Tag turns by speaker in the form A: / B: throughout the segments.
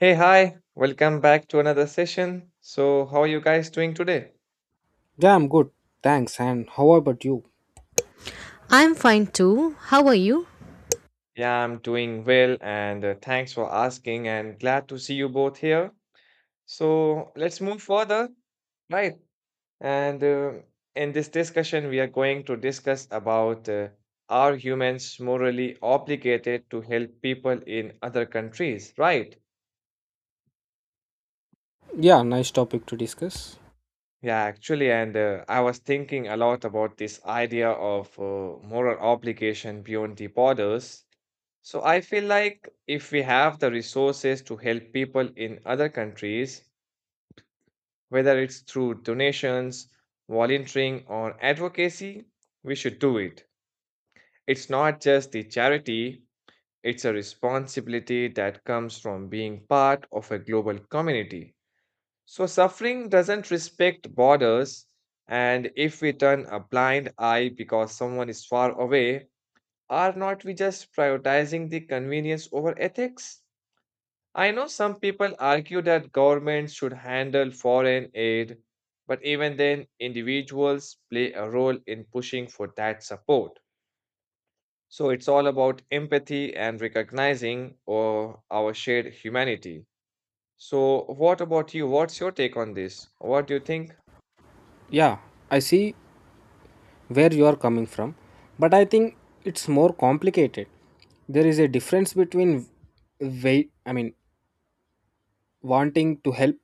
A: Hey, hi, welcome back to another session. So, how are you guys doing today?
B: Yeah, I'm good. Thanks. And how about you?
C: I'm fine too. How are you?
A: Yeah, I'm doing well, and thanks for asking, and glad to see you both here. So, let's move further, right? And in this discussion, we are going to discuss about are humans morally obligated to help people in other countries, right?
B: Yeah, nice topic to discuss.
A: Yeah, actually, and I was thinking a lot about this idea of moral obligation beyond the borders. So I feel like if we have the resources to help people in other countries, whether it's through donations, volunteering, or advocacy, we should do it. It's not just the charity, it's a responsibility that comes from being part of a global community. So, suffering doesn't respect borders, and if we turn a blind eye because someone is far away, are not we just prioritizing the convenience over ethics? I know some people argue that governments should handle foreign aid, but even then, individuals play a role in pushing for that support. So, it's all about empathy and recognizing our shared humanity. So, what about you? What's your take on this? What do you think?
B: Yeah, I see where you are coming from, but I think it's more complicated. There is a difference between wait, I mean, wanting to help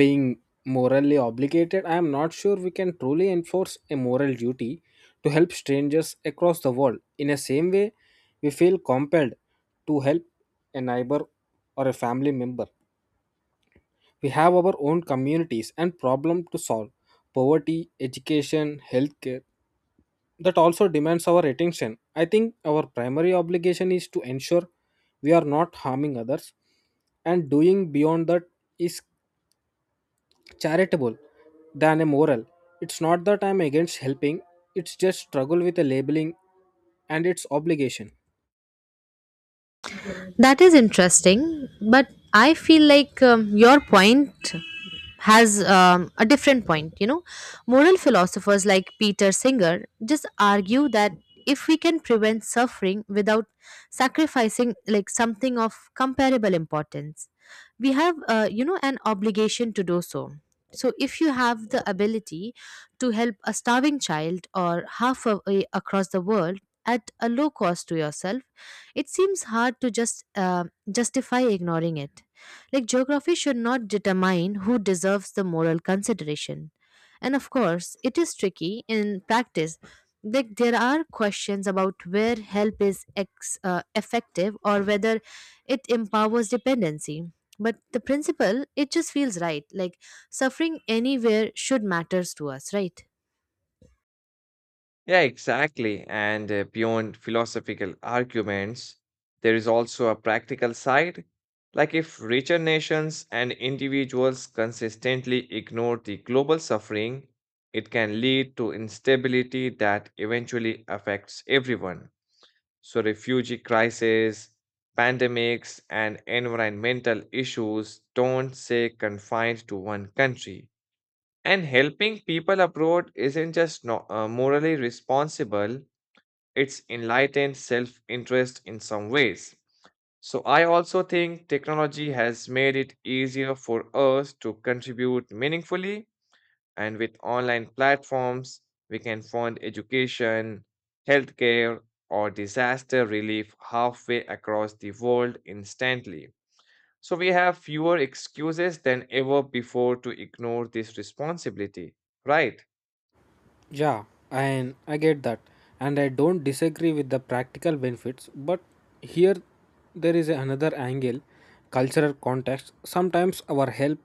B: being morally obligated. I am not sure we can truly enforce a moral duty to help strangers across the world in the same way we feel compelled to help a neighbor or a family member. We have our own communities and problem to solve. Poverty, education, healthcare that also demands our attention. I think our primary obligation is to ensure we are not harming others, and doing beyond that is charitable than a moral. It's not that I'm against helping, it's just struggle with a labeling and its obligation.
C: That is interesting, but I feel like your point has a different point, you know, moral philosophers like Peter Singer just argue that if we can prevent suffering without sacrificing like something of comparable importance, we have you know, an obligation to do so. So if you have the ability to help a starving child or half away across the world at a low cost to yourself, it seems hard to just justify ignoring it. Like geography should not determine who deserves the moral consideration. And of course, it is tricky in practice. Like there are questions about where help is effective or whether it empowers dependency. But the principle, it just feels right. Like suffering anywhere should matters to us, right?
A: Yeah, exactly. And beyond philosophical arguments, there is also a practical side. Like if richer nations and individuals consistently ignore the global suffering, it can lead to instability that eventually affects everyone. So, refugee crises, pandemics, and environmental issues don't stay confined to one country. And helping people abroad isn't just no, morally responsible, it's enlightened self interest in some ways. So, I also think technology has made it easier for us to contribute meaningfully, and with online platforms, we can fund education, healthcare, or disaster relief halfway across the world instantly. So, we have fewer excuses than ever before to ignore this responsibility, right?
B: Yeah, and I get that. And I don't disagree with the practical benefits, but here there is another angle, cultural context. Sometimes our help,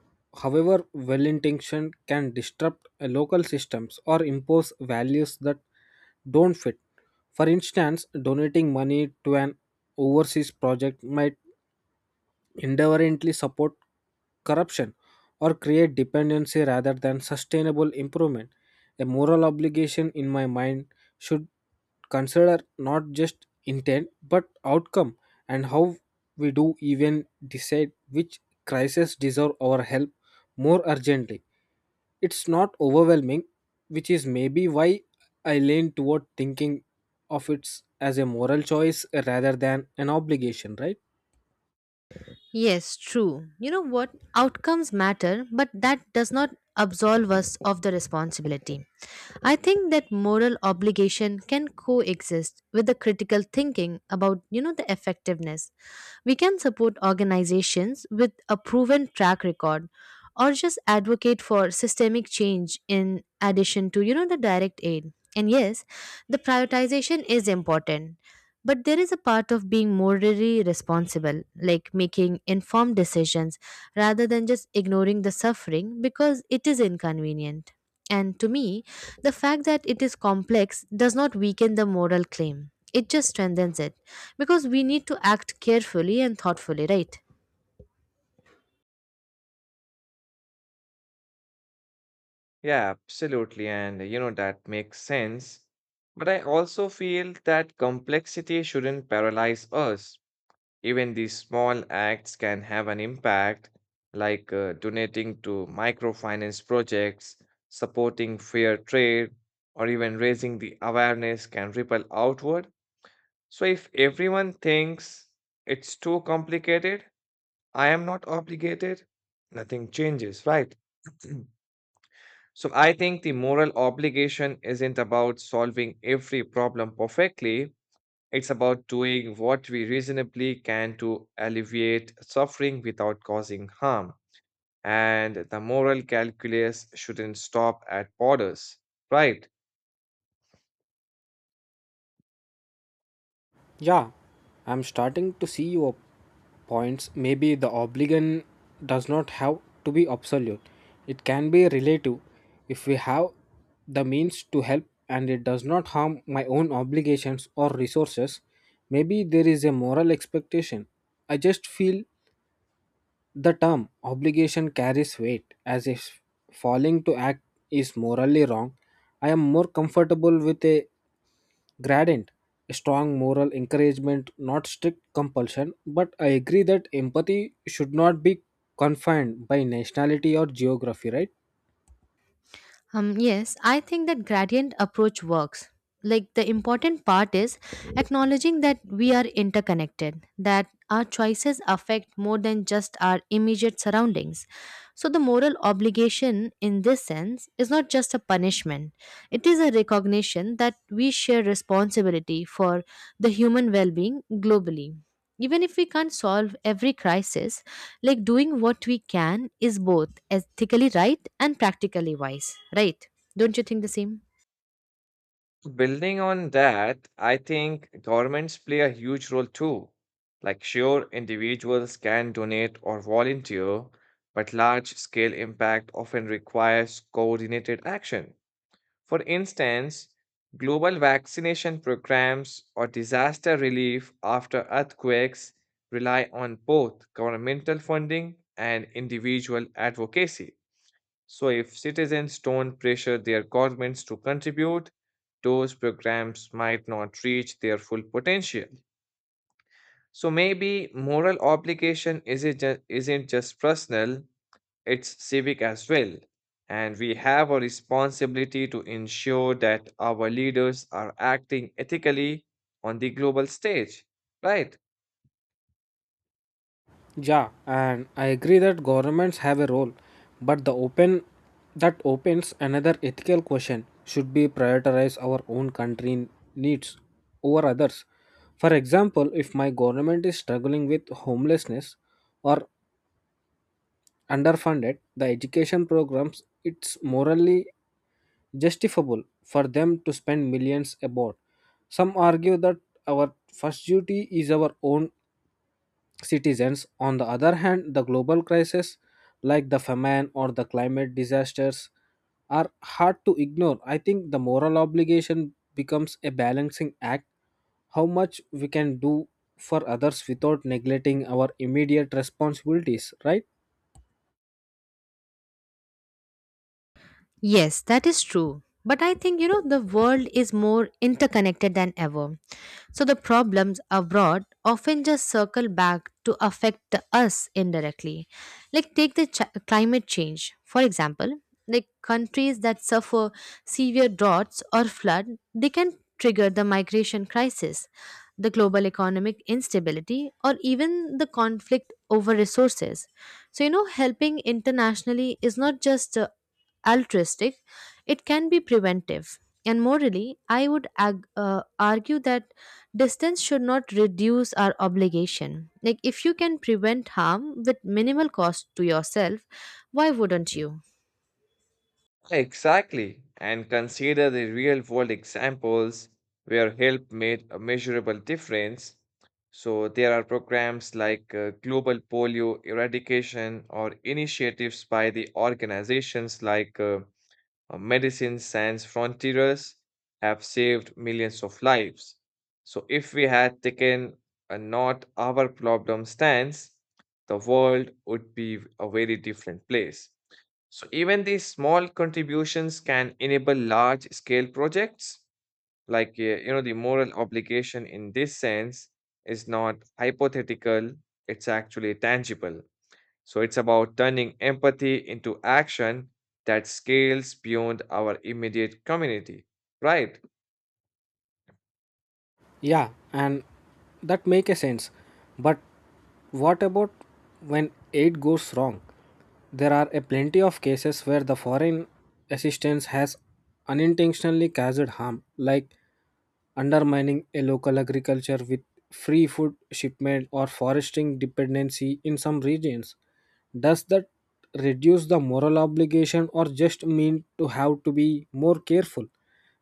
B: however well intentioned, can disrupt local systems or impose values that don't fit. For instance, donating money to an overseas project might indifferently support corruption or create dependency rather than sustainable improvement. A moral obligation, in my mind, should consider not just intent but outcome, and how we do even decide which crises deserve our help more urgently. It's not overwhelming, which is maybe why I lean toward thinking of it as a moral choice rather than an obligation, right?
C: Yes, true. You know what? Outcomes matter, but that does not absolve us of the responsibility. I think that moral obligation can coexist with the critical thinking about, you know, the effectiveness. We can support organizations with a proven track record or just advocate for systemic change in addition to, you know, the direct aid. And yes, the prioritization is important. But there is a part of being morally responsible, like making informed decisions rather than just ignoring the suffering because it is inconvenient. And to me, the fact that it is complex does not weaken the moral claim, it just strengthens it because we need to act carefully and thoughtfully, right?
A: Yeah, absolutely. And you know, that makes sense. But I also feel that complexity shouldn't paralyze us. Even these small acts can have an impact, like donating to microfinance projects, supporting fair trade, or even raising the awareness can ripple outward. So if everyone thinks it's too complicated, I am not obligated, nothing changes, right? So I think the moral obligation isn't about solving every problem perfectly. It's about doing what we reasonably can to alleviate suffering without causing harm. And the moral calculus shouldn't stop at borders, right?
B: Yeah, I'm starting to see your points. Maybe the obligation does not have to be absolute. It can be relative if we have the means to help and it does not harm my own obligations or resources. Maybe there is a moral expectation. I just feel the term obligation carries weight, as if falling to act is morally wrong. I am more comfortable with a gradient, a strong moral encouragement, not strict compulsion, but I agree that empathy should not be confined by nationality or geography, right?
C: Yes, I think that gradient approach works. Like the important part is acknowledging that we are interconnected, that our choices affect more than just our immediate surroundings. So, the moral obligation in this sense is not just a punishment, it is a recognition that we share responsibility for the human well being globally, even if we can't solve every crisis. Like doing what we can is both ethically right and practically wise, right? Don't you think the same?
A: Building on that, I think governments play a huge role too. Like, sure, individuals can donate or volunteer, but large scale impact often requires coordinated action. For instance, global vaccination programs or disaster relief after earthquakes rely on both governmental funding and individual advocacy. So, if citizens don't pressure their governments to contribute, those programs might not reach their full potential. So, maybe moral obligation isn't just personal, it's civic as well. And we have a responsibility to ensure that our leaders are acting ethically on the global stage. Right,
B: Yeah, and I agree that governments have a role, but the open, that opens another ethical question, should be prioritize our own country needs over others. For example, if my government is struggling with homelessness or underfunded the education programs, it's morally justifiable for them to spend millions abroad. Some argue that our first duty is our own citizens. On the other hand, the global crises like the famine or the climate disasters are hard to ignore. I think the moral obligation becomes a balancing act, how much we can do for others without neglecting our immediate responsibilities, right?
C: Yes, that is true, but I think, you know, the world is more interconnected than ever. So the problems abroad often just circle back to affect us indirectly. Like take the climate change, for example, like countries that suffer severe droughts or flood, they can trigger the migration crisis, the global economic instability, or even the conflict over resources. So you know, helping internationally is not just altruistic, it can be preventive. And morally, I would argue that distance should not reduce our obligation. Like, if you can prevent harm with minimal cost to yourself, why wouldn't you?
A: exactly. And consider the real world examples where help made a measurable difference. So, there are programs like global polio eradication or initiatives by the organizations like medicine sans frontiers have saved millions of lives. So, if we had taken a not our problem stance, the world would be a very different place. So, even these small contributions can enable large scale projects. Like, you know, the moral obligation in this sense is not hypothetical, it's actually tangible. So it's about turning empathy into action that scales beyond our immediate community, right?
B: Yeah, and that make a sense. But what about when aid goes wrong? There are a plenty of cases where the foreign assistance has unintentionally caused harm, like undermining a local agriculture with free food shipment or foresting dependency in some regions. Does that reduce the moral obligation, or just mean to have to be more careful?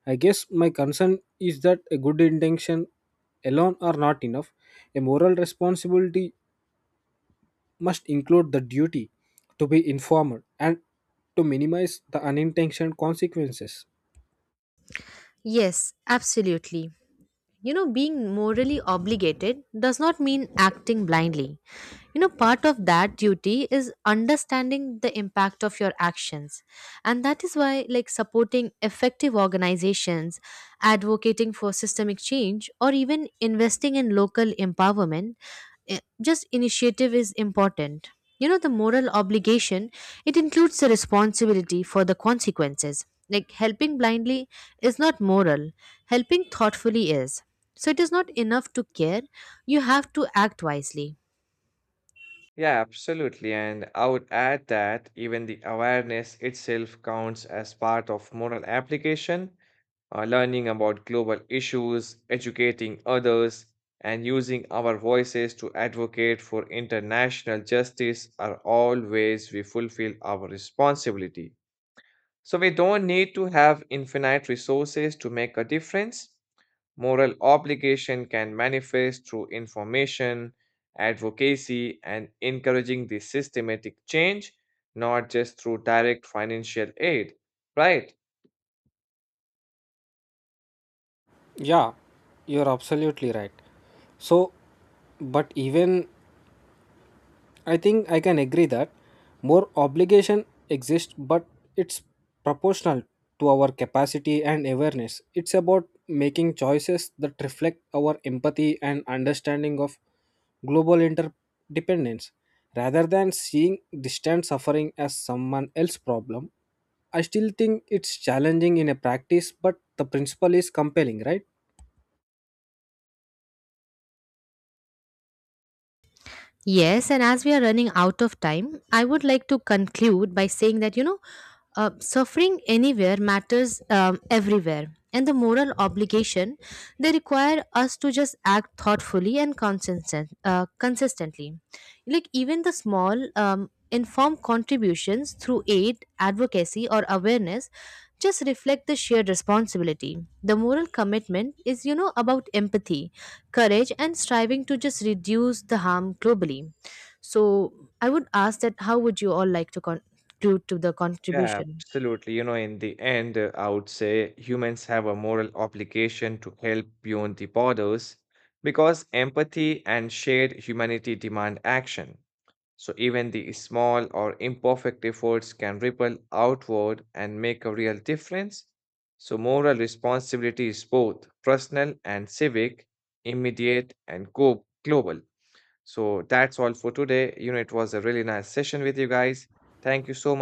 B: I guess my concern is that a good intention alone are not enough. A moral responsibility must include the duty to be informed and to minimize the unintentional consequences.
C: Yes, absolutely. You know, being morally obligated does not mean acting blindly. You know, part of that duty is understanding the impact of your actions. And that is why, like, supporting effective organizations, advocating for systemic change, or even investing in local empowerment, just initiative is important. You know, the moral obligation, it includes the responsibility for the consequences. Like, helping blindly is not moral, helping thoughtfully is. So, it is not enough to care, you have to act wisely.
A: Yeah, absolutely. And I would add that even the awareness itself counts as part of moral application, learning about global issues, educating others, and using our voices to advocate for international justice are all ways we fulfill our responsibility. So we don't need to have infinite resources to make a difference. Moral obligation can manifest through information, advocacy, and encouraging the systematic change, not just through direct financial aid. Right?
B: Yeah, you're absolutely right. So, but even I think I can agree that more obligation exists, but it's proportional to our capacity and awareness. It's about making choices that reflect our empathy and understanding of global interdependence. Rather than seeing distant suffering as someone else's problem, I still think it's challenging in a practice, but the principle is compelling, right?
C: Yes, and as we are running out of time, I would like to conclude by saying that, you know, suffering anywhere matters everywhere. And the moral obligation, they require us to just act thoughtfully and consistently. Like even the small, informed contributions through aid, advocacy, or awareness just reflect the shared responsibility. The moral commitment is, you know, about empathy, courage, and striving to just reduce the harm globally. So I would ask that how would you all like to contribute to the
A: Yeah,
C: contribution?
A: absolutely. You know, in the end, I would say humans have a moral obligation to help beyond the borders because empathy and shared humanity demand action. So even the small or imperfect efforts can ripple outward and make a real difference. So moral responsibility is both personal and civic, immediate and global. So that's all for today. You know, it was a really nice session with you guys. Thank you so much.